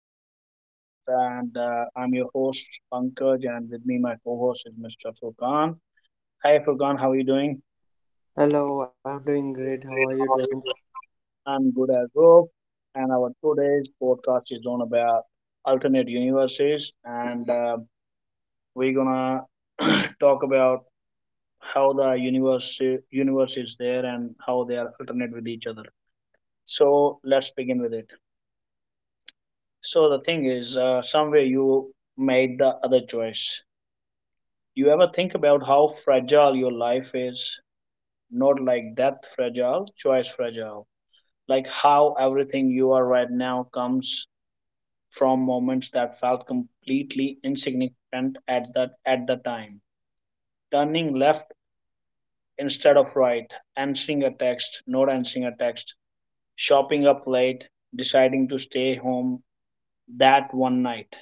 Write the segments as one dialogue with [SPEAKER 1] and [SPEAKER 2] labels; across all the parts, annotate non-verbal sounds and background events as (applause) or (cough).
[SPEAKER 1] to our podcast. And I'm your host, Pankaj, and with me, my co host is Mr. Furkan. Hi, Furkan, how are you doing?
[SPEAKER 2] Hello, I'm doing great.
[SPEAKER 1] Great,
[SPEAKER 2] How are
[SPEAKER 1] how
[SPEAKER 2] you
[SPEAKER 1] are you
[SPEAKER 2] doing?
[SPEAKER 1] doing? I'm good as well. And our today's podcast is on about alternate universes, and we're gonna (coughs) (clears throat) talk about how the universe is there and how they are alternate with each other. So let's begin with it. So the thing is, somewhere you made the other choice. You ever think about how fragile your life is? Not like death fragile, choice fragile. Like how everything you are right now comes from moments that felt completely insignificant at the time. Turning left instead of right, answering a text, not answering a text, shopping up late, deciding to stay home that one night.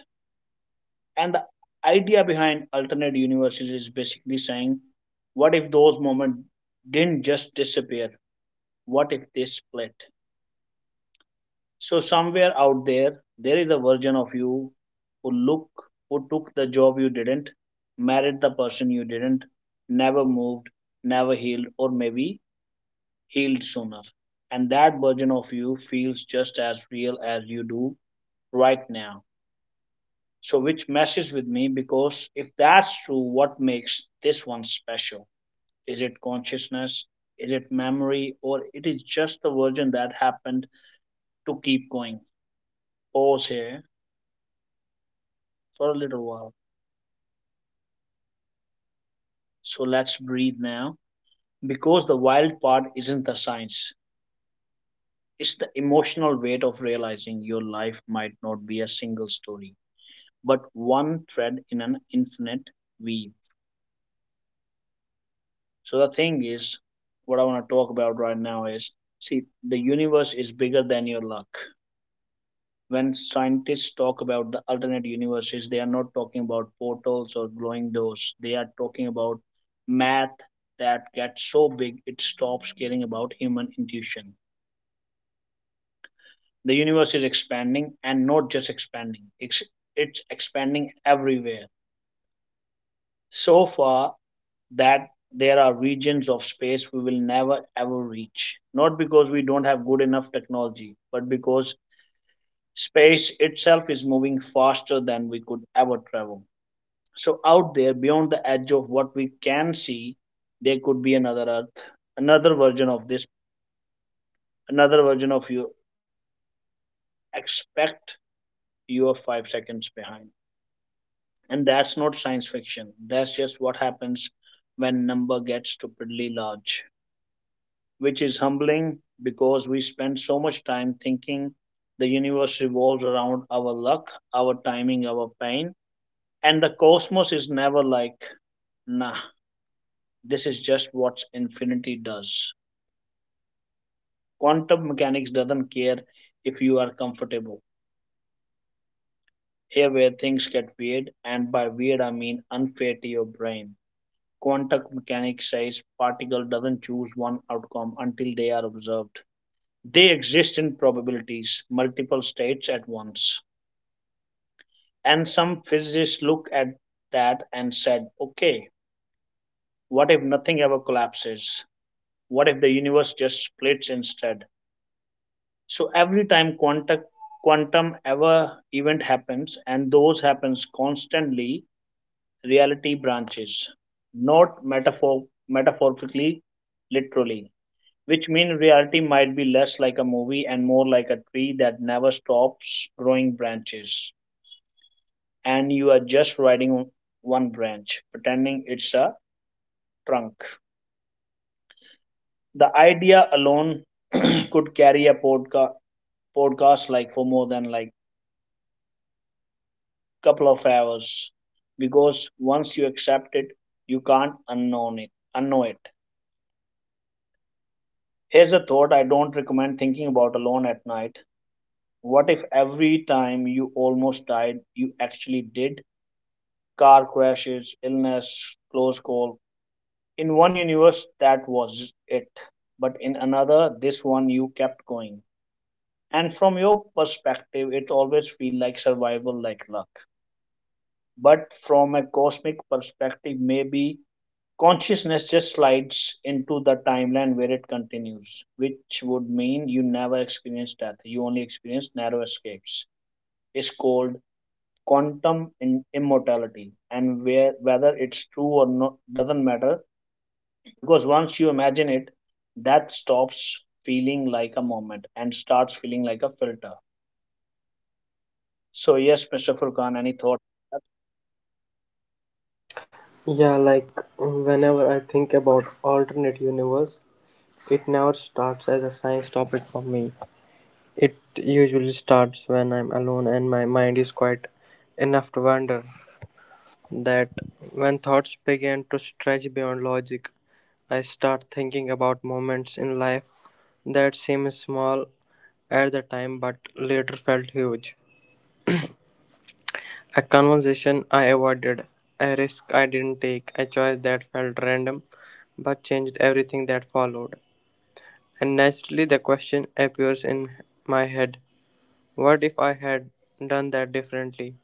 [SPEAKER 1] And the idea behind alternate universes is basically saying, what if those moments didn't just disappear? What if they split? So somewhere out there, there is a version of you who look who took the job you didn't, married the person you didn't, never moved, never healed, or maybe healed sooner. And that version of you feels just as real as you do right now. So, which messes with me, because if that's true, what makes this one special? Is it consciousness? Is it memory? Or it is just the version that happened to keep going? Pause here for a little while. So let's breathe now, because the wild part isn't the science, it's the emotional weight of realizing your life might not be a single story, but one thread in an infinite weave. So the thing is, what I want to talk about right now is, see, the universe is bigger than your luck. When scientists talk about the alternate universes, they are not talking about portals or glowing doors. They are talking about math that gets so big it stops caring about human intuition. The universe is expanding, and not just expanding, it's expanding everywhere. So far, that there are regions of space we will never ever reach. Not because we don't have good enough technology, but because space itself is moving faster than we could ever travel. So, out there, beyond the edge of what we can see, there could be another Earth, another version of this, another version of you. Expect you are 5 seconds behind. And that's not science fiction, that's just what happens when number gets stupidly large, which is humbling, because we spend so much time thinking the universe revolves around our luck, our timing, our pain, and the cosmos is never like, nah, this is just what infinity does. Quantum mechanics doesn't care if you are comfortable. Here, where things get weird, and by weird I mean unfair to your brain. Quantum mechanics says particle doesn't choose one outcome until they are observed. They exist in probabilities, multiple states at once. And some physicists looked at that and said, okay, what if nothing ever collapses? What if the universe just splits instead? So every time quantum ever event happens and those happens constantly, reality branches, not metaphorically, literally. Which means reality might be less like a movie and more like a tree that never stops growing branches, and you are just riding one branch, pretending it's a trunk. The idea alone (clears throat) could carry a podcast like for more than like couple of hours, because once you accept it, you can't unknown it. Unknow it. Here's a thought I don't recommend thinking about alone at night. What if every time you almost died, you actually did? Car crashes, illness, close call. In one universe, that was it. But in another, this one, you kept going. And from your perspective, it always feels like survival, like luck. But from a cosmic perspective, maybe consciousness just slides into the timeline where it continues, which would mean you never experience death. You only experience narrow escapes. It's called quantum in immortality. And where, whether it's true or not doesn't matter, because once you imagine it, that stops feeling like a moment and starts feeling like a filter. So, yes, Mr. Furkan, any thought?
[SPEAKER 2] Yeah, like whenever I think about alternate universe, it never starts as a science topic for me. It usually starts when I'm alone and my mind is quite enough to wander. That when thoughts begin to stretch beyond logic, I start thinking about moments in life that seem small at the time but later felt huge. A conversation I avoided, a risk I didn't take, a choice that felt random but changed everything that followed. And naturally, the question appears in my head what if I had done that differently?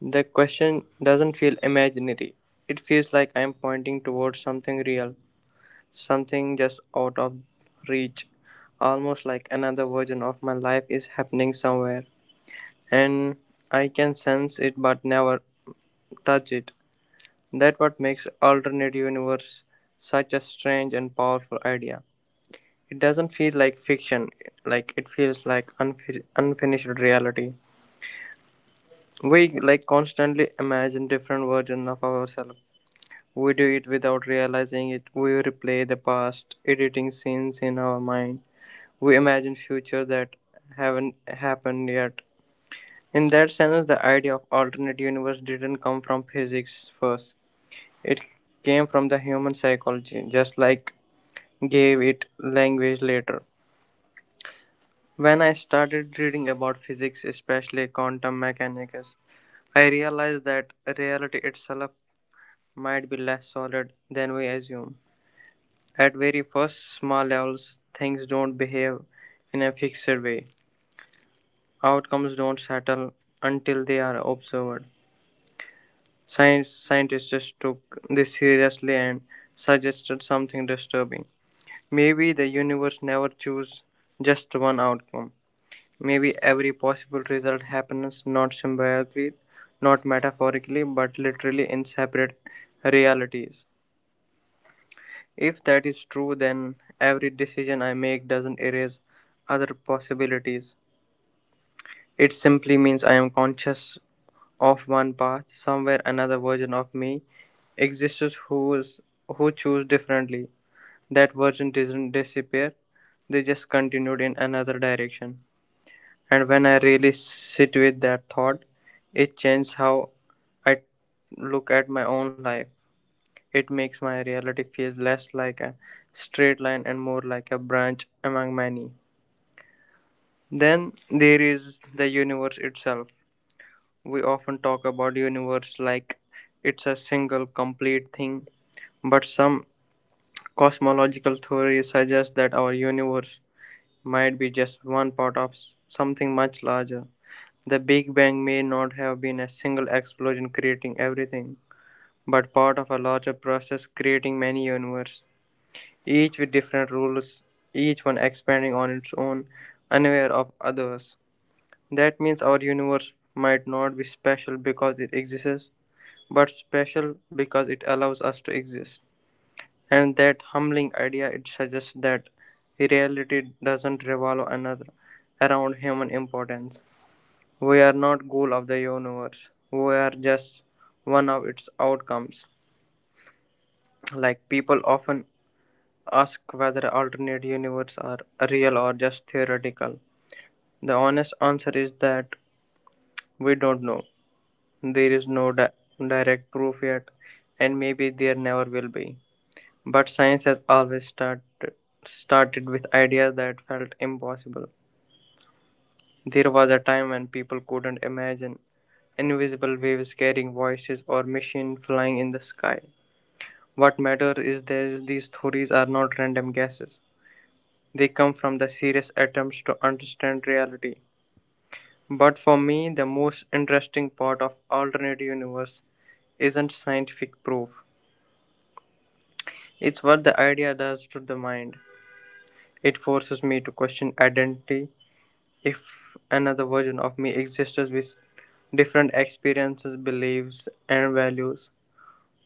[SPEAKER 2] The question doesn't feel imaginary, it feels like I'm pointing towards something real, something just out of reach, almost like another version of my life is happening somewhere. And I can sense it but never touch it. That what makes alternate universe such a strange and powerful idea. It doesn't feel like fiction, like it feels like unfinished reality. We like constantly imagine different versions of ourselves. We do it without realizing it. We replay the past, editing scenes in our mind. We imagine future that haven't happened yet. In that sense, the idea of alternate universe didn't come from physics first. It came from the human psychology, just like gave it language later. When I started reading about physics, especially quantum mechanics, I realized that reality itself might be less solid than we assume. At very first small levels, things don't behave in a fixed way. Outcomes don't settle until they are observed. Science Scientists took this seriously and suggested something disturbing. Maybe the universe never chooses just one outcome. Maybe every possible result happens not symbolically, not metaphorically, but literally in separate realities. If that is true, then every decision I make doesn't erase other possibilities. It simply means I am conscious of one path, somewhere another version of me exists who choose differently. That version doesn't disappear, they just continued in another direction. And when I really sit with that thought, it changes how I look at my own life. It makes my reality feel less like a straight line and more like a branch among many. Then there is the universe itself. We often talk about universe like it's a single complete thing, but some cosmological theories suggest that our universe might be just one part of something much larger. The Big Bang may not have been a single explosion creating everything, but part of a larger process creating many universes, each with different rules, each one expanding on its own, unaware of others. That means our universe might not be special because it exists, but special because it allows us to exist. And that humbling idea it suggests that reality doesn't revolve another around human importance. We are not goal of the universe. We are just one of its outcomes. Like people often ask whether alternate universes are real or just theoretical. The honest answer is that we don't know. There is no direct proof yet, and maybe there never will be. But science has always started with ideas that felt impossible. There was a time when people couldn't imagine invisible waves carrying voices or machines flying in the sky. What matters is that these theories are not random guesses. They come from the serious attempts to understand reality. But for me, the most interesting part of alternate universe isn't scientific proof. It's what the idea does to the mind. It forces me to question identity. If another version of me existed with different experiences, beliefs, and values,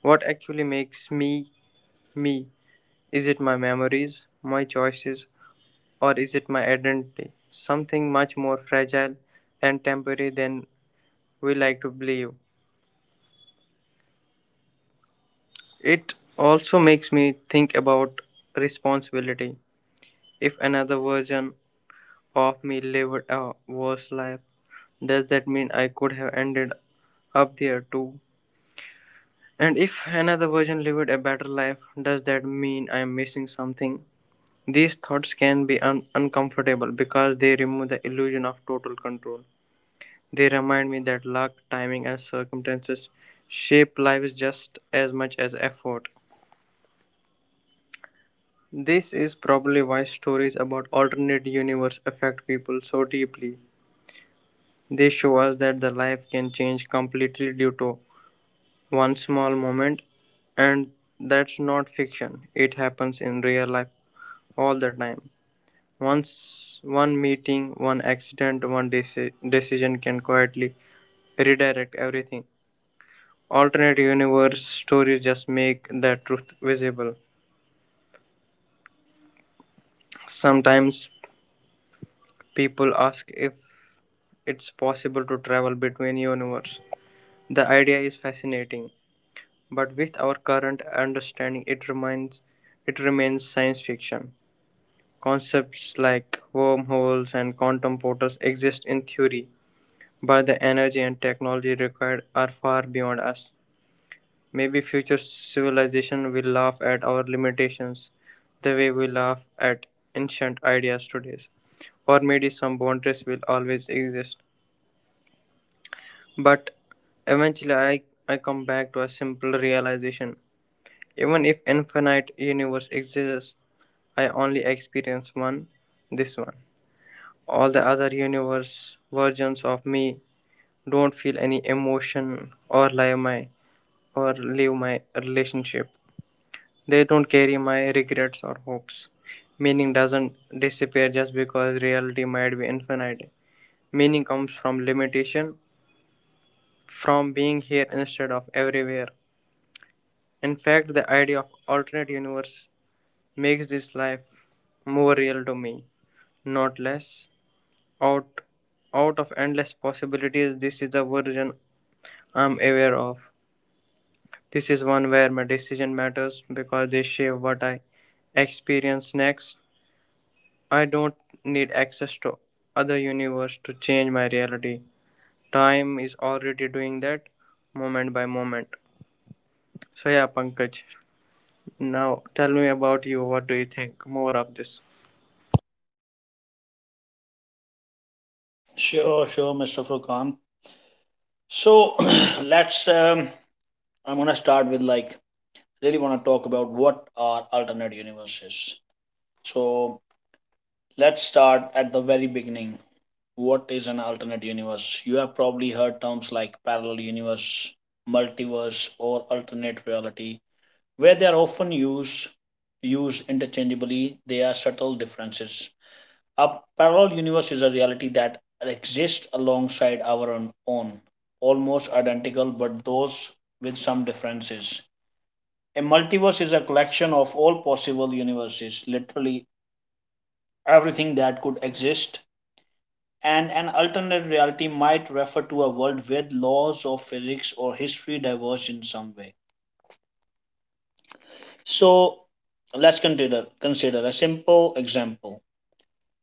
[SPEAKER 2] what actually makes me me? Is it my memories, my choices, or is it my identity? Something much more fragile and temporary than we like to believe. It also makes me think about responsibility. If another version of me lived a worse life, does that mean I could have ended up there too? And if another version lived a better life, does that mean I am missing something? These thoughts can be uncomfortable because they remove the illusion of total control. They remind me that luck, timing, and circumstances shape lives just as much as effort. This is probably why stories about alternate universe affect people so deeply. They show us that the life can change completely due to one small moment and that's not fiction. It happens in real life all the time. Once one meeting, one accident, one decision can quietly redirect everything. Alternate universe stories just make that truth visible. Sometimes people ask if it's possible to travel between universes. The idea is fascinating, but with our current understanding, it remains science fiction. Concepts like wormholes and quantum portals exist in theory, but the energy and technology required are far beyond us. Maybe future civilization will laugh at our limitations the way we laugh at ancient ideas today. Or maybe some boundaries will always exist. But eventually I come back to a simple realization. Even if infinite universe exists, I only experience one, this one. All the other universe versions of me don't feel any emotion or lie my or leave my relationship. They don't carry my regrets or hopes. Meaning doesn't disappear just because reality might be infinite. Meaning comes from limitation, from being here instead of everywhere. In fact, the idea of alternate universe makes this life more real to me, not less. Out out of endless possibilities, this is the version I'm aware of. This is one where my decision matters because they shape what I experience next. I don't need access to other universe to change my reality. Time is already doing that moment by moment. So yeah, Pankaj, now tell me about you. What do you think more of this?
[SPEAKER 1] Sure, sure, Mr. Furkan. So, (clears throat) let's, I'm going to start with like, really want to talk about what are alternate universes. So, let's start at the very beginning. What is an alternate universe? You have probably heard terms like parallel universe, multiverse, or alternate reality. Where they are often used interchangeably, there are subtle differences. A parallel universe is a reality that exists alongside our own, almost identical, but those with some differences. A multiverse is a collection of all possible universes, literally everything that could exist. And an alternate reality might refer to a world where laws of physics or history diverge in some way. So let's consider a simple example.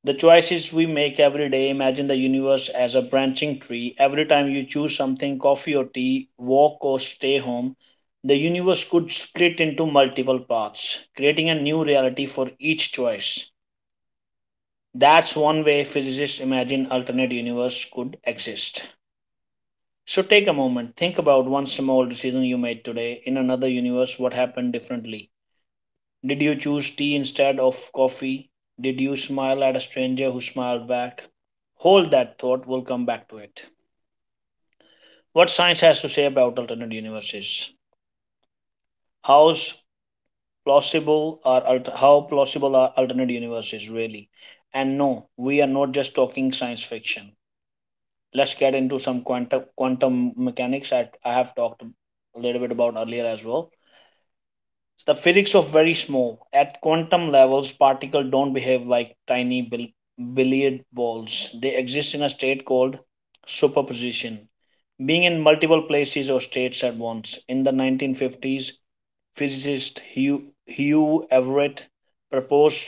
[SPEAKER 1] The choices we make every day, imagine the universe as a branching tree. Every time you choose something, coffee or tea, walk or stay home, the universe could split into multiple paths, creating a new reality for each choice. That's one way physicists imagine alternate universe could exist. So take a moment, think about one small decision you made today. In another universe, what happened differently? Did you choose tea instead of coffee? Did you smile at a stranger who smiled back? Hold that thought, we'll come back to it. What science has to say about alternate universes? How's how plausible are alternate universes really? And no, we are not just talking science fiction. Let's get into some quantum mechanics that I have talked a little bit about earlier as well. The physics of very small, at quantum levels, particles don't behave like tiny billiard balls. They exist in a state called superposition, being in multiple places or states at once. In the 1950s, physicist Hugh Everett proposed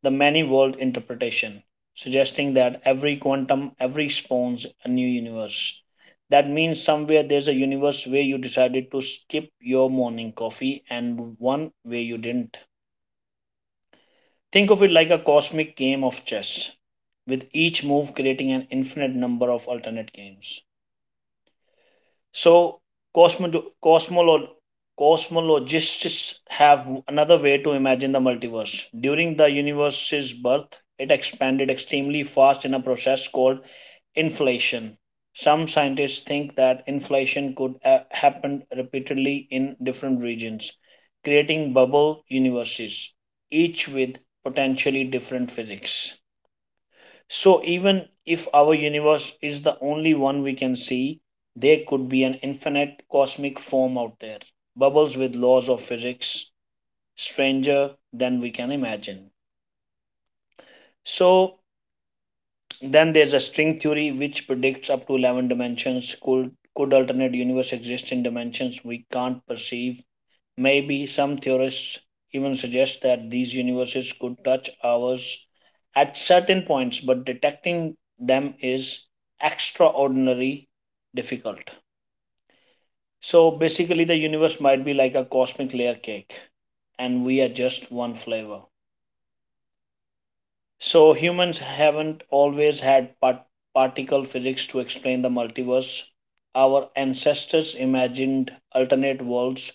[SPEAKER 1] the many world interpretation, suggesting that every quantum every spawns a new universe. That means somewhere there's a universe where you decided to skip your morning coffee and one where you didn't. Think of it like a cosmic game of chess, with each move creating an infinite number of alternate games. So, cosmo- cosmolo- cosmologists have another way to imagine the multiverse. During the universe's birth, it expanded extremely fast in a process called inflation. Some scientists think that inflation could have happened repeatedly in different regions, creating bubble universes, each with potentially different physics. So, even if our universe is the only one we can see, there could be an infinite cosmic form out there, bubbles with laws of physics stranger than we can imagine. So, then there's a string theory which predicts up to 11 dimensions. Could alternate universe exist in dimensions we can't perceive? Maybe some theorists even suggest that these universes could touch ours at certain points, but detecting them is extraordinarily difficult. So basically, the universe might be like a cosmic layer cake, and we are just one flavor. So humans haven't always had particle physics to explain the multiverse. Our ancestors imagined alternate worlds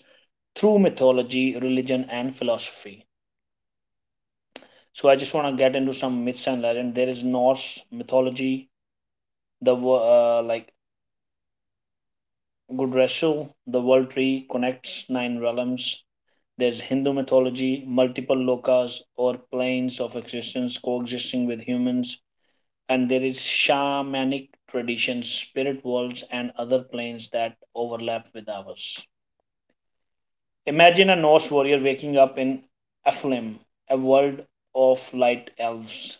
[SPEAKER 1] through mythology, religion, and philosophy. So I just want to get into some myths and legend. There is Norse mythology, like Gudrasil, the world tree connects nine realms. There's Hindu mythology, multiple lokas or planes of existence coexisting with humans, and there is shamanic traditions, spirit worlds, and other planes that overlap with ours. Imagine a Norse warrior waking up in Aflim, a world of light elves,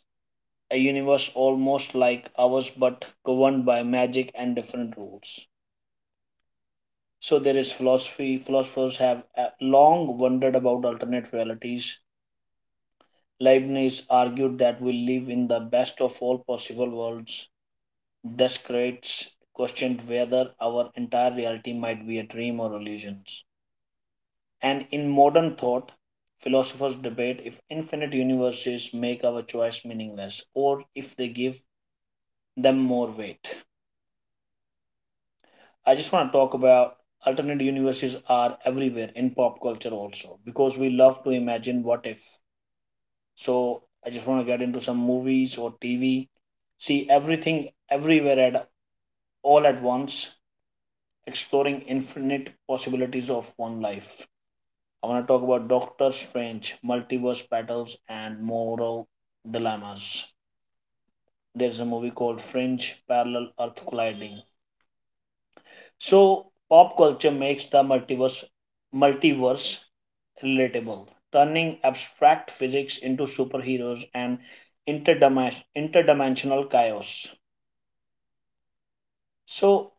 [SPEAKER 1] a universe almost like ours but governed by magic and different rules. So there is philosophy. Philosophers have long wondered about alternate realities. Leibniz argued that we live in the best of all possible worlds. This creates questioned whether our entire reality might be a dream or illusions. And in modern thought, philosophers debate if infinite universes make our choice meaningless or if they give them more weight. I just want to talk about alternate universes are everywhere in pop culture also because we love to imagine what if. So I just want to get into some movies or TV, see everything everywhere at all at once exploring infinite possibilities of one life. I want to talk about Doctor Strange, multiverse battles, and moral dilemmas. There's a movie called Fringe Parallel Earth Colliding. So, pop culture makes the multiverse relatable, turning abstract physics into superheroes and interdimensional chaos. So,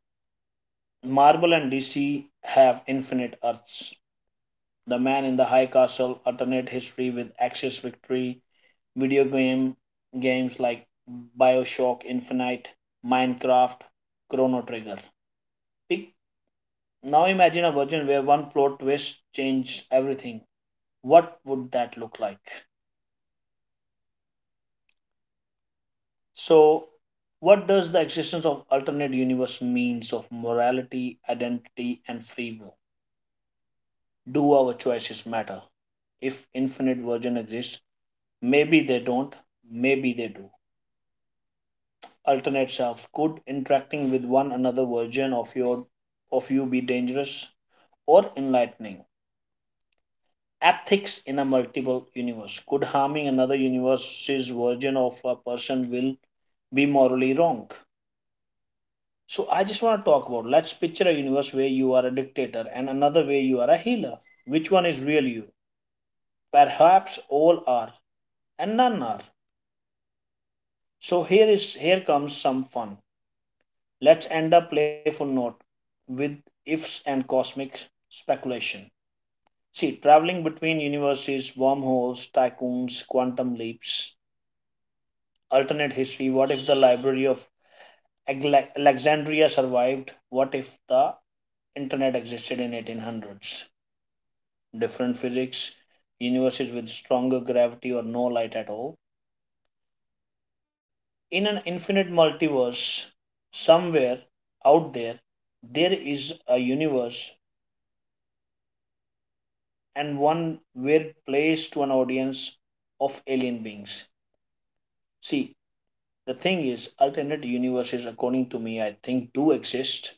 [SPEAKER 1] Marvel and DC have infinite Earths. The Man in the High Castle, alternate history with Axis Victory, video games like Bioshock Infinite, Minecraft, Chrono Trigger. Pic- Now imagine a version where one plot twist changed everything. What would that look like? So, what does the existence of alternate universe means of morality, identity, and free will? Do our choices matter? If infinite version exists, maybe they don't, maybe they do. Alternate selves? Could interacting with one another version of you be dangerous or enlightening? Ethics in a multiple universe. Could harming another universe's version of a person will be morally wrong? So I just want to talk about, let's picture a universe where you are a dictator and another way you are a healer. Which one is real you? Perhaps all are, and none are. So here comes some fun. Let's end a playful note with ifs and cosmic speculation. See, traveling between universes, wormholes, tycoons, quantum leaps, alternate history. What if the Library of Alexandria survived? What if the internet existed in 1800s? Different physics, universes with stronger gravity or no light at all. In an infinite multiverse, somewhere out there, there is a universe and one were placed to an audience of alien beings. See, the thing is, alternate universes, according to me, I think do exist.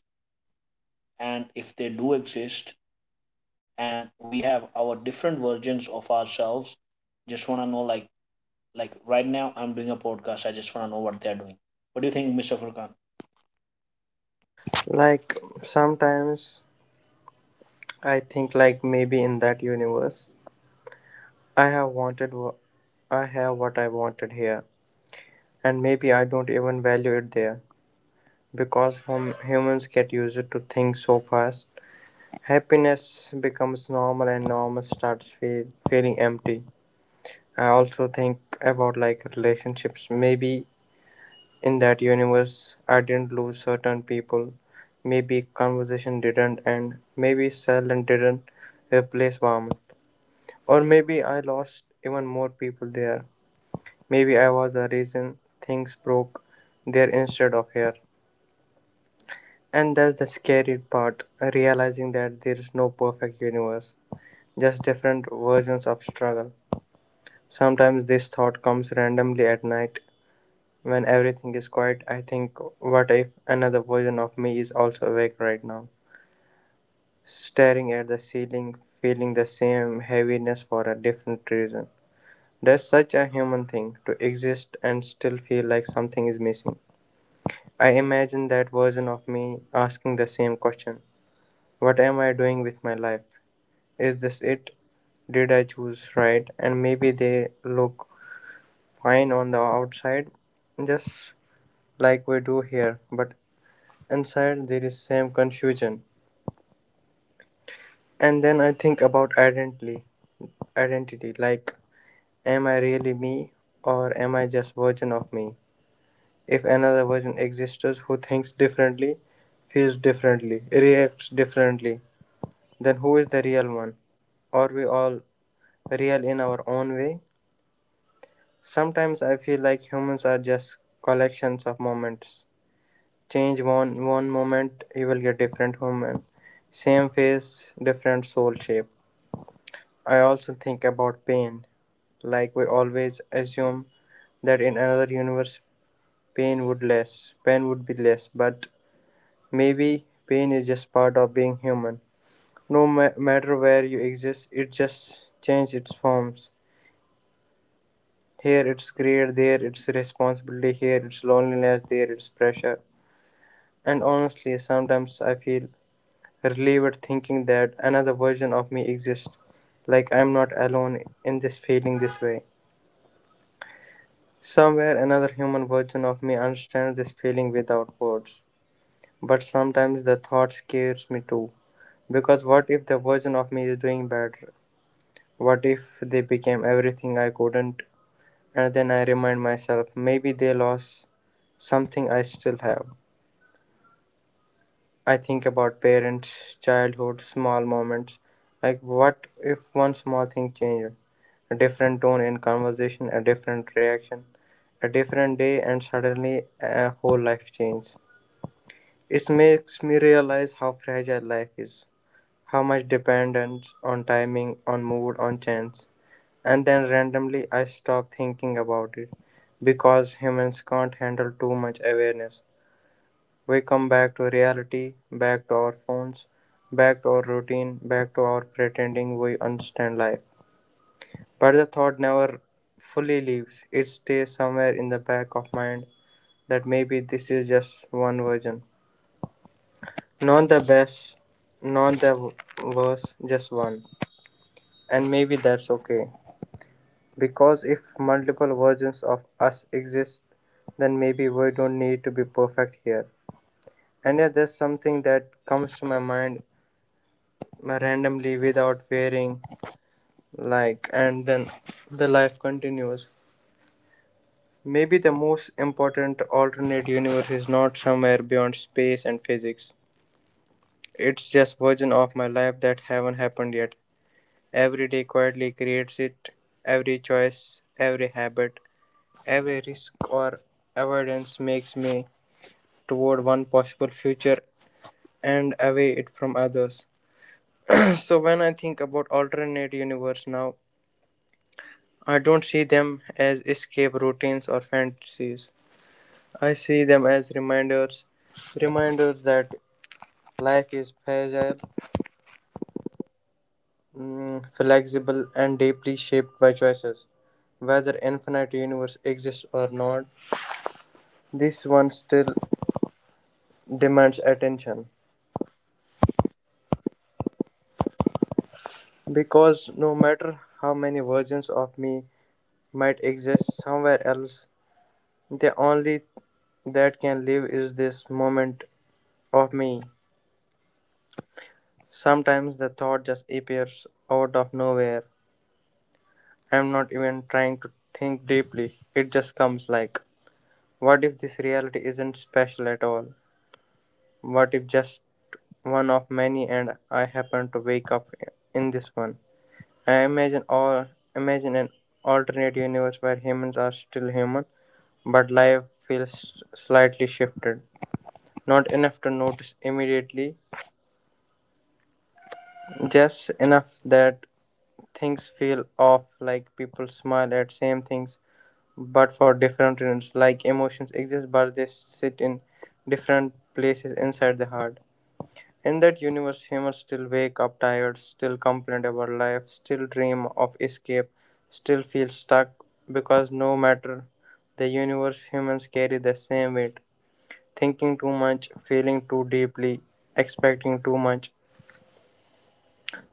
[SPEAKER 1] And if they do exist, and we have our different versions of ourselves, just want to know, like right now, I'm doing a podcast. I just want to know what they're doing. What do you think, Mr. Furkan?
[SPEAKER 2] Like sometimes I think like maybe in that universe I have wanted wha- I have what I wanted here and maybe I don't even value it there because humans get used to things so fast happiness becomes normal and normal starts feeling empty. I also think about like relationships maybe in that universe I didn't lose certain people maybe conversation didn't end maybe silence didn't replace warmth. Or maybe I lost even more people there. Maybe I was the reason things broke there instead of here. And that's the scary part realizing that there is no perfect universe, just different versions of struggle. Sometimes this thought comes randomly at night when everything is quiet. I think, what if another version of me is also awake right now, staring at the ceiling, feeling the same heaviness for a different reason? Does such a human thing to exist and still feel like something is missing? I imagine that version of me asking the same question. What am I doing with my life? Is this it? Did I choose right? And maybe they look fine on the outside, just like we do here, but inside there is same confusion. And then I think about identity like am I really me or am I just version of me? If another version exists who thinks differently, feels differently, reacts differently, then who is the real one? Are we all real in our own way? Sometimes I feel like humans are just collections of moments. Change one moment, you will get different human. Same face, different soul shape. I also think about pain. Like we always assume that in another universe pain would be less, but maybe pain is just part of being human. No matter where you exist, it just changes its forms. Here it's greed, there it's responsibility, here it's loneliness, there it's pressure. And honestly, sometimes I feel relieved thinking that another version of me exists. Like I'm not alone in this feeling this way. Somewhere another human version of me understands this feeling without words. But sometimes the thought scares me too because what if the version of me is doing better? What if they became everything I couldn't? And then I remind myself, maybe they lost something I still have. I think about parents, childhood, small moments. Like, what if one small thing changed? A different tone in conversation, a different reaction, a different day, and suddenly a whole life changes. It makes me realize how fragile life is, how much dependence on timing, on mood, on chance. And then randomly I stop thinking about it because humans can't handle too much awareness. We come back to reality, back to our phones, back to our routine, back to our pretending we understand life. But the thought never fully leaves, it stays somewhere in the back of mind that maybe this is just one version. Not the best, not the worst, just one. And maybe that's okay. Because if multiple versions of us exist, then maybe we don't need to be perfect here. And yet, there's something that comes to my mind randomly without varying, like, and then the life continues. Maybe the most important alternate universe is not somewhere beyond space and physics. It's just version of my life that haven't happened yet. Every day quietly creates it, every choice, every habit, every risk or avoidance makes me toward one possible future and away it from others. (clears throat) So when I think about alternate universe now, I don't see them as escape routines or fantasies. I see them as reminders, reminders that life is fragile, flexible, and deeply shaped by choices. Whether infinite universe exists or not, this one still demands attention. Because no matter how many versions of me might exist somewhere else, the only that can live is this moment of me. Sometimes the thought just appears out of nowhere. I'm not even trying to think deeply. It just comes like, what if this reality isn't special at all? What if just one of many and I happen to wake up in this one? I imagine all Imagine an alternate universe where humans are still human, but life feels slightly shifted. Not enough to notice immediately, just enough that things feel off, like people smile at same things but for different reasons. Like emotions exist but they sit in different places inside the heart. In that universe, humans still wake up tired, still complain about life, still dream of escape, still feel stuck because no matter the universe, humans carry the same weight. Thinking too much, feeling too deeply, expecting too much.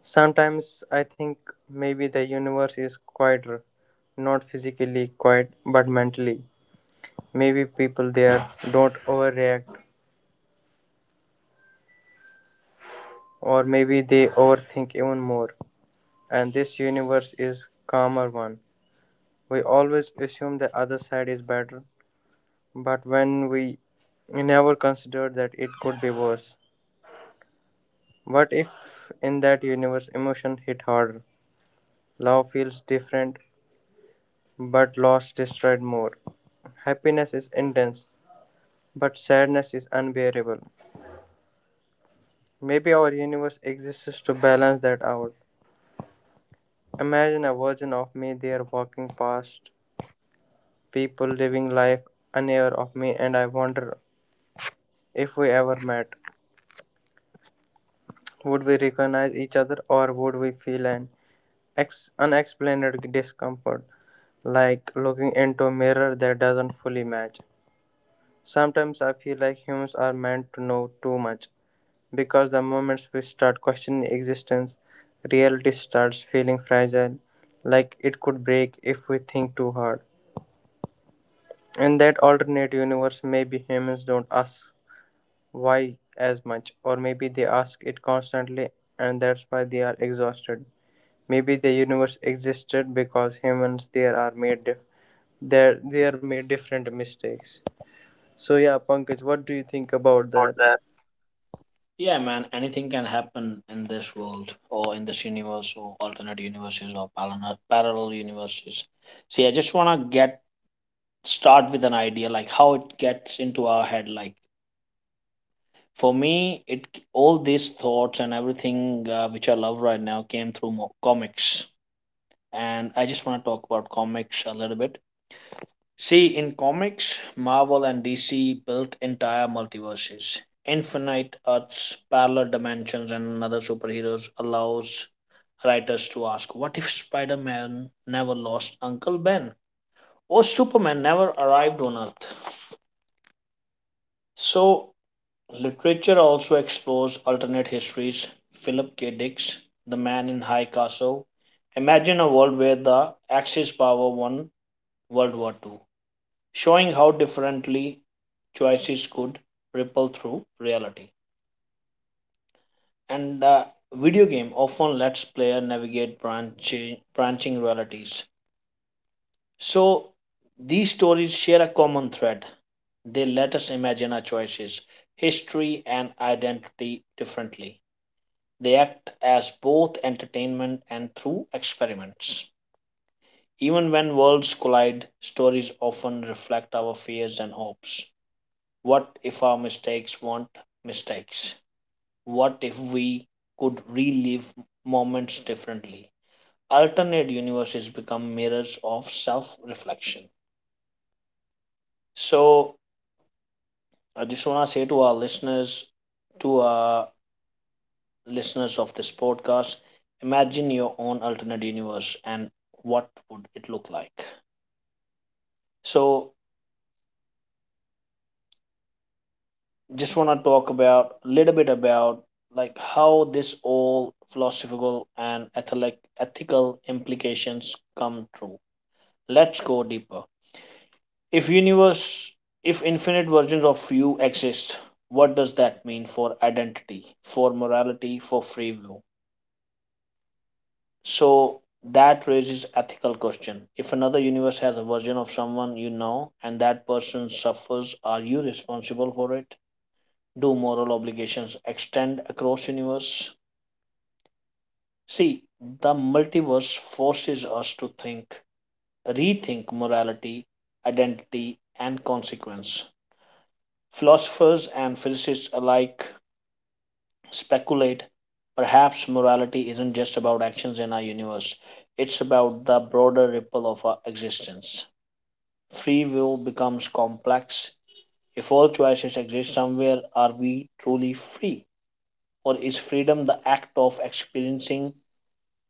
[SPEAKER 2] Sometimes I think maybe the universe is quieter, not physically quiet, but mentally. Maybe people there don't overreact, or maybe they overthink even more, and this universe is calmer one. We always assume the other side is better, but when we never consider that it could be worse. What if in that universe emotion hit harder? Love feels different, but loss destroyed more. Happiness is intense, but sadness is unbearable. Maybe our universe exists to balance that out. Imagine a version of me there walking past people living life unaware of me, and I wonder if we ever met. Would we recognize each other or would we feel an unexplained discomfort, like looking into a mirror that doesn't fully match? Sometimes I feel like humans are meant to know too much because the moments we start questioning existence, reality starts feeling fragile, like it could break if we think too hard. In that alternate universe, maybe humans don't ask why as much, or maybe they ask it constantly and that's why they are exhausted. Maybe the universe existed because humans there are made dif- there they are made different mistakes. So yeah, Pankaj, what do you think about
[SPEAKER 1] About
[SPEAKER 2] that?
[SPEAKER 1] that. Yeah, man, anything can happen in this world or in this universe or alternate universes or parallel universes. See, I just want to get start with an idea like how it gets into our head. Like for me, it, all these thoughts and everything, which I love right now, came through comics. And I just want to talk about comics a little bit. See, in comics, Marvel and DC built entire multiverses, infinite earths, parallel dimensions, and other superheroes allows writers to ask, what if Spider-Man never lost Uncle Ben, or Superman never arrived on Earth? So literature also explores alternate histories. Philip K. Dick's The Man in High Castle imagine a world where the Axis power won World War II, showing how differently choices could ripple through reality. And video game often lets player navigate branching realities. So these stories share a common thread. They let us imagine our choices, history, and identity differently. They act as both entertainment and through experiments. Even when worlds collide, stories often reflect our fears and hopes. What if our mistakes weren't mistakes? What if we could relive moments differently? Alternate universes become mirrors of self reflection. So I just want to say to our listeners, to listeners of this podcast. Imagine your own alternate universe, and what would it look like. So just want to talk about a little bit about like how this all philosophical and ethical implications come true. Let's go deeper. If universe, if infinite versions of you exist, what does that mean for identity, for morality, for free will? So that raises ethical question. If another universe has a version of someone you know, and that person suffers, are you responsible for it? Do moral obligations extend across universe? See, the multiverse forces us to rethink morality, identity, and consequence. Philosophers and physicists alike speculate perhaps morality isn't just about actions in our universe, it's about the broader ripple of our existence. Free will becomes complex. If all choices exist somewhere, are we truly free? Or is freedom the act of experiencing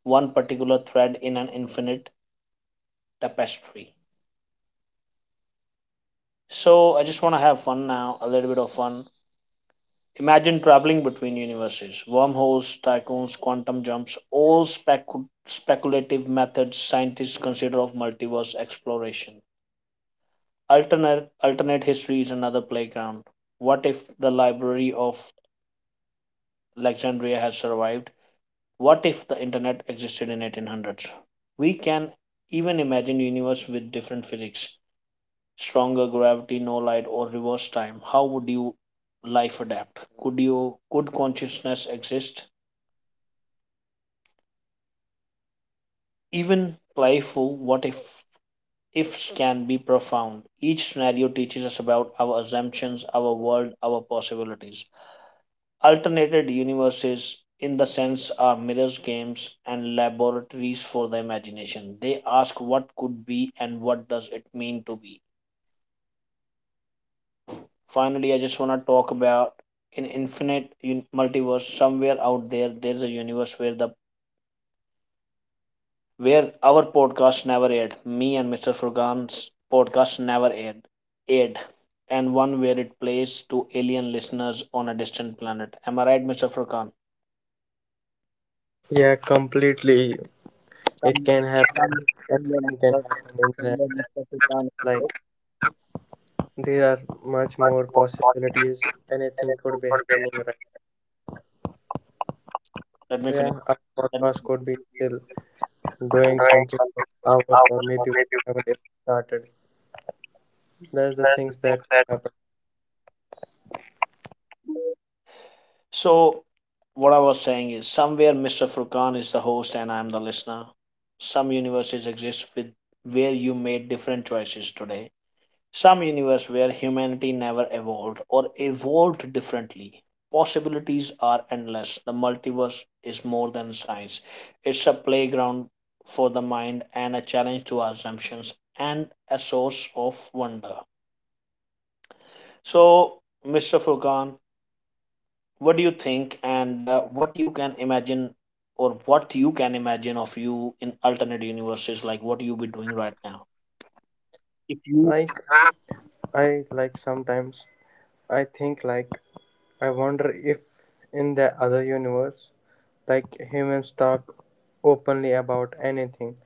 [SPEAKER 1] one particular thread in an infinite tapestry? So I just want to have fun now, a little bit of fun. Imagine traveling between universes, wormholes, tycoons, quantum jumps, all speculative methods scientists consider of multiverse exploration. Alternate history is another playground. What if the Library of Alexandria has survived, what if the internet existed in 1800s? We can even imagine a universe with different physics, stronger gravity, no light, or reverse time. How would you life adapt? Could consciousness exist? Even playful what if ifs can be profound. Each scenario teaches us about our assumptions, our world, our possibilities. Alternated universes, in the sense, are mirrors, games, and laboratories for the imagination. They ask what could be and what does it mean to be. Finally, I just want to talk about an infinite multiverse. Somewhere out there, there's a universe where the where our podcast never aired. Me and Mr. Furkan's podcast never aired. Aired. And one where it plays to alien listeners on a distant planet. Am I right, Mr. Furkan?
[SPEAKER 2] Yeah, completely. It can happen. Anything can happen in that. Like there are much more possibilities. Anything could be happening right.
[SPEAKER 1] Let
[SPEAKER 2] So
[SPEAKER 1] me finish.
[SPEAKER 2] yeah, our
[SPEAKER 1] Let me
[SPEAKER 2] podcast could be
[SPEAKER 1] finish.
[SPEAKER 2] still
[SPEAKER 1] Often
[SPEAKER 2] doing
[SPEAKER 1] doing
[SPEAKER 2] something
[SPEAKER 1] some
[SPEAKER 2] for
[SPEAKER 1] people
[SPEAKER 2] hours or
[SPEAKER 1] hours or
[SPEAKER 2] maybe we
[SPEAKER 1] maybe
[SPEAKER 2] haven't even started. That's the
[SPEAKER 1] that's the
[SPEAKER 2] things
[SPEAKER 1] thing
[SPEAKER 2] that
[SPEAKER 1] that.
[SPEAKER 2] happen.
[SPEAKER 1] So what I was saying is somewhere Mr. Furkan is the host and I'm the listener. Some universes exist with where you made different choices today. Some universe where humanity never evolved or evolved differently. Possibilities are endless. The multiverse is more than science. It's a playground for the mind and a challenge to our assumptions and a source of wonder. So, Mr. Furkan, what do you think, and what you can imagine, or what you can imagine of you in alternate universes, like what you be doing right now?
[SPEAKER 2] Like I sometimes I think like I wonder if, in the other universe, like humans talk openly about anything,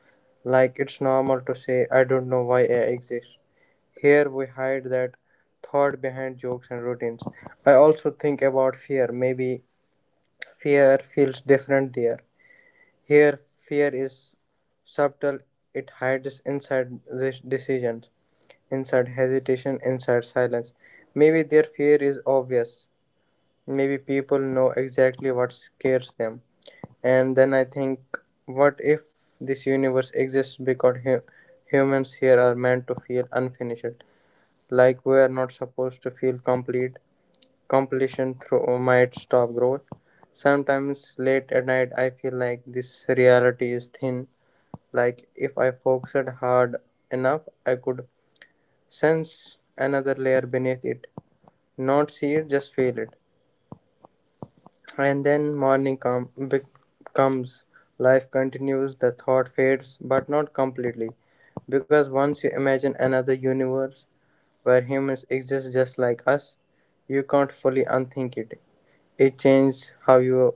[SPEAKER 2] like it's normal to say, I don't know why I exist. Here we hide that thought behind jokes and routines. I also think about fear. Maybe fear feels different there. Here, fear is subtle, it hides inside this decisions, inside hesitation, inside silence. Maybe their fear is obvious. Maybe people know exactly what scares them. And then I think, what if this universe exists because humans here are meant to feel unfinished? Like we are not supposed to feel complete. Completion through might stop growth. Sometimes late at night, I feel like this reality is thin. Like if I focused hard enough, I could sense another layer beneath it. Not see it, just feel it. And then morning comes, life continues, the thought fades, but not completely. Because once you imagine another universe where humans exist just like us, you can't fully unthink it. It changes how you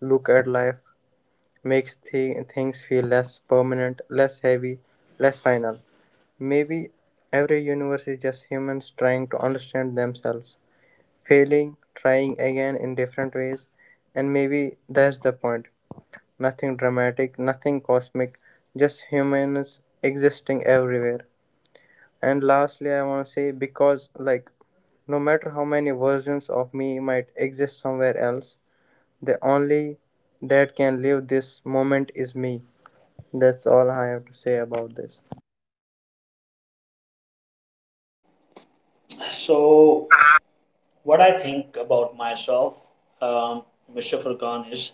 [SPEAKER 2] look at life, makes things feel less permanent, less heavy, less final. Maybe every universe is just humans trying to understand themselves failing, trying again in different ways, and maybe that's the point. Nothing dramatic, nothing cosmic, just humans existing everywhere. And lastly, I want to say because, like, no matter how many versions of me might exist somewhere else, the only that can live this moment is me. That's all I have to say about this.
[SPEAKER 1] So what I think about myself, um, Mr. Furkan, is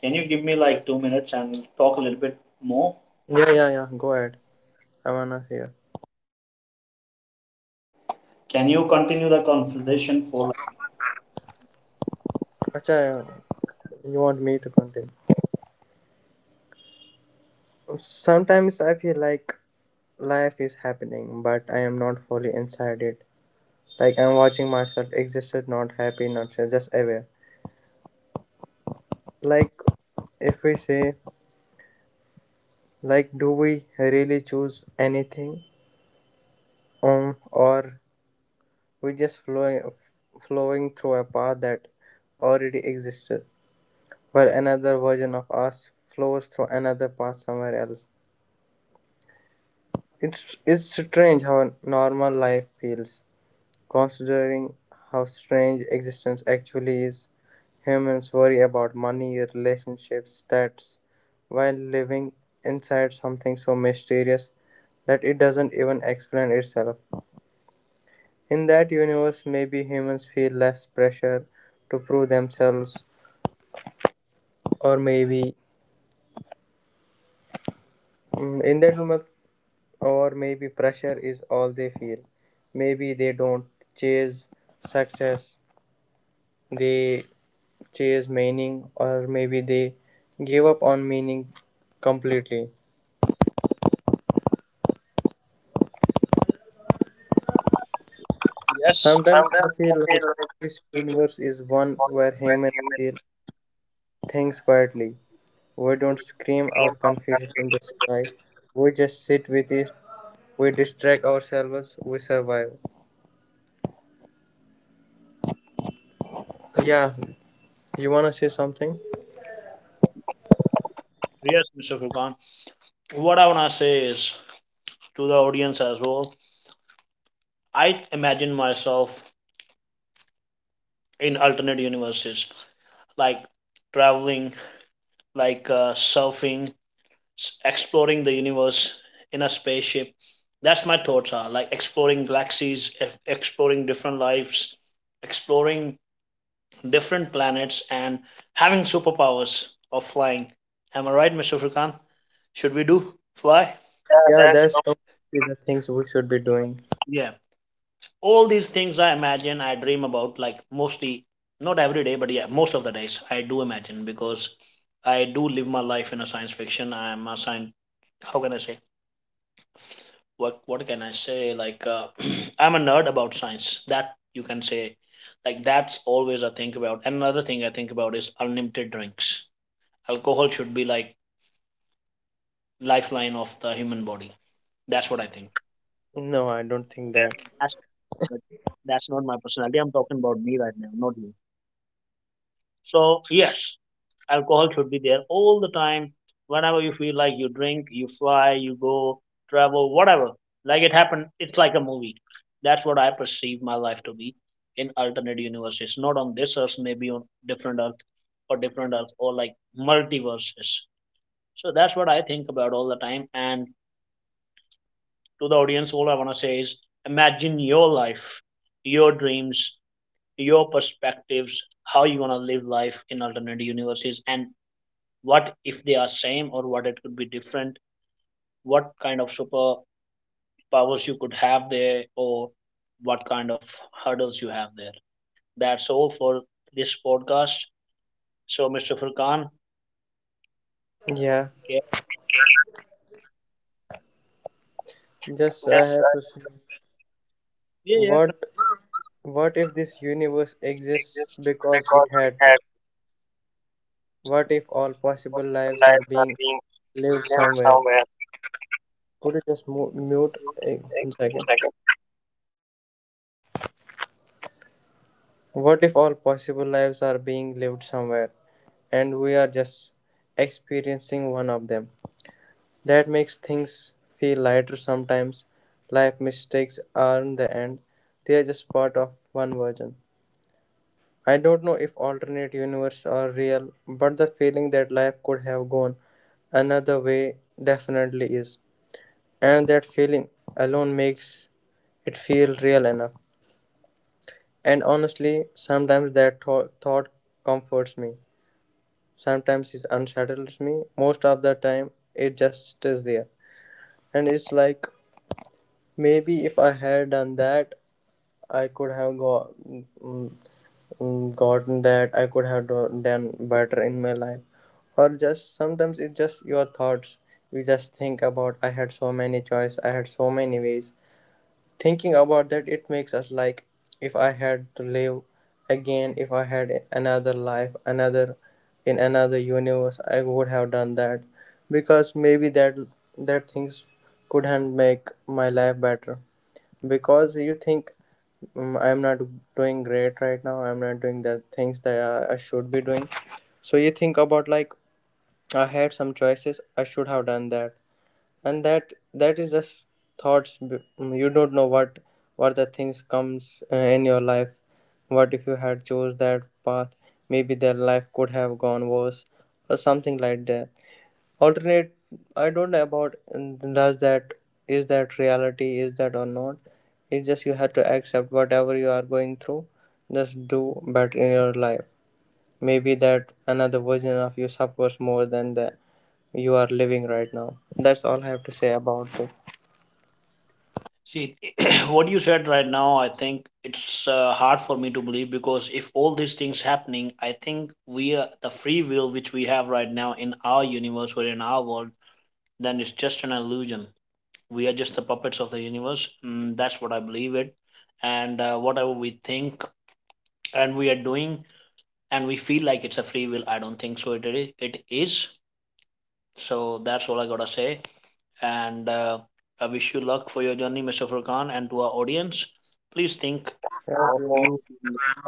[SPEAKER 1] can you give me like 2 minutes and talk a little bit more?
[SPEAKER 2] Yeah, yeah, yeah, go ahead. I wanna hear.
[SPEAKER 1] Can you continue the conversation for?
[SPEAKER 2] Acha, you want me to continue? Sometimes I feel like life is happening, but I am not fully inside it. Like I'm watching myself existed, not happy, not sure, just aware. Like if we say, like, do we really choose anything, or we just flowing, flowing through a path that already existed, while another version of us flows through another path somewhere else. It's strange how normal life feels. Considering how strange existence actually is, humans worry about money, relationships, stats, while living inside something so mysterious that it doesn't even explain itself. In that universe, maybe humans feel less pressure to prove themselves, or maybe in that universe, or maybe pressure is all they feel. Maybe they don't chase success, they chase meaning or maybe they give up on meaning completely.
[SPEAKER 1] Yes, sometimes
[SPEAKER 2] Sometimes I
[SPEAKER 1] I
[SPEAKER 2] feel like
[SPEAKER 1] feel like
[SPEAKER 2] this universe is
[SPEAKER 1] it's
[SPEAKER 2] one
[SPEAKER 1] one
[SPEAKER 2] where
[SPEAKER 1] where
[SPEAKER 2] humans
[SPEAKER 1] humans
[SPEAKER 2] feel things quietly. We
[SPEAKER 1] who
[SPEAKER 2] don't scream our
[SPEAKER 1] came out
[SPEAKER 2] confusion
[SPEAKER 1] countries.
[SPEAKER 2] in the sky. We just sit with it. We distract ourselves. We survive. Yeah, you wanna say something?
[SPEAKER 1] Yes, Mr. Furkan. What I want to say is to the audience as well. I imagine myself in alternate universes, like traveling, like surfing, exploring the universe in a spaceship. That's my thoughts are like exploring galaxies, exploring different lives, exploring different planets, and having superpowers of flying. Am I right, Mr. Furkan? Should we do fly? Yeah,
[SPEAKER 2] Yeah,
[SPEAKER 1] that's
[SPEAKER 2] that's completely the things we should be doing.
[SPEAKER 1] yeah. All these things I imagine, I dream about, like mostly, not every day, but yeah, most of the days I do imagine because I do live my life in a science fiction. I'm a science, how can I say? What can I say? Like (clears throat) I'm a nerd about science. That you can say, like that's always I think about. And another thing I think about is unlimited drinks. Alcohol should be like lifeline of the human body. That's what I think.
[SPEAKER 2] No, I don't think that.
[SPEAKER 1] That's, but that's not my personality. I'm talking about me right now, not you. So yes, alcohol should be there all the time. Whenever you feel like, you drink, you fly, you go, travel, whatever, like it happened, it's like a movie. That's what I perceive my life to be in alternate universes, not on this earth, maybe on different earth or different earth, or like multiverses. So that's what I think about all the time. And to the audience, all I want to say is, imagine your life, your dreams, your perspectives, how you want to live life in alternate universes, and what if they are same, or what it could be different, what kind of super powers you could have there, or what kind of hurdles you have there. That's all for this podcast. So Mr. Furkan,
[SPEAKER 2] Yeah,
[SPEAKER 1] yeah.
[SPEAKER 2] just I
[SPEAKER 1] Just
[SPEAKER 2] had to say
[SPEAKER 1] yeah, yeah.
[SPEAKER 2] what what if this universe exists
[SPEAKER 1] Exists
[SPEAKER 2] because it
[SPEAKER 1] because we
[SPEAKER 2] had to?
[SPEAKER 1] had
[SPEAKER 2] What if all possible
[SPEAKER 1] multiple
[SPEAKER 2] lives are
[SPEAKER 1] lives are
[SPEAKER 2] being
[SPEAKER 1] being
[SPEAKER 2] lived
[SPEAKER 1] lived
[SPEAKER 2] somewhere?
[SPEAKER 1] somewhere.
[SPEAKER 2] Could you just mute
[SPEAKER 1] Just
[SPEAKER 2] one
[SPEAKER 1] a
[SPEAKER 2] second?
[SPEAKER 1] second.
[SPEAKER 2] What if all possible lives are being lived somewhere and we are just experiencing one of them? That makes things feel lighter sometimes. Life mistakes aren't the end, they are just part of one version. I don't know if alternate universe are real, but the feeling that life could have gone another way definitely is. And that feeling alone makes it feel real enough. And honestly, sometimes that thought comforts me. Sometimes it unsettles me. Most of the time, it just is there. And it's like maybe if I had done that, I could have gone gotten that I could have done better in my life. Or just sometimes it's just your thoughts. We just think about I had so many choice, I had so many ways. Thinking about that it makes us like if I had to live again, if I had another life, another in another universe, I would have done that. Because maybe that things couldn't make my life better. Because you think I'm not doing great right now. I'm not doing the things that I should be doing. So you think about like I had some choices. I should have done that, and that is just thoughts. You don't know what the things comes in your life. What if you had chose that path? Maybe their life could have gone worse, or something like that. Alternate, I don't know about. And does that, is that reality, is that or not? It's just you have to accept whatever you are going through, just do better in your life. Maybe that another version of you suffers more than the you are living right now. That's all I have to say about this.
[SPEAKER 1] See, (clears throat) what you said right now, I think it's hard for me to believe because if all these things happening, I think we are, the free will which we have right now in our universe or in our world, then it's just an illusion. We are just the puppets of the universe. Mm, that's what I believe it. And whatever we think and we are doing and we feel like it's a free will, I don't think so. It is. So that's all I gotta say. And I wish you luck for your journey, Mr. Furkan, and to our audience. Please think
[SPEAKER 2] Thank
[SPEAKER 1] of
[SPEAKER 2] you,
[SPEAKER 1] you.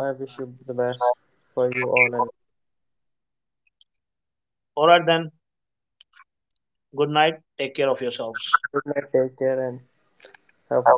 [SPEAKER 2] I wish you the best for you all and all.
[SPEAKER 1] All right, then. Good night. Take care of yourselves.
[SPEAKER 2] Good night, take care, and have fun.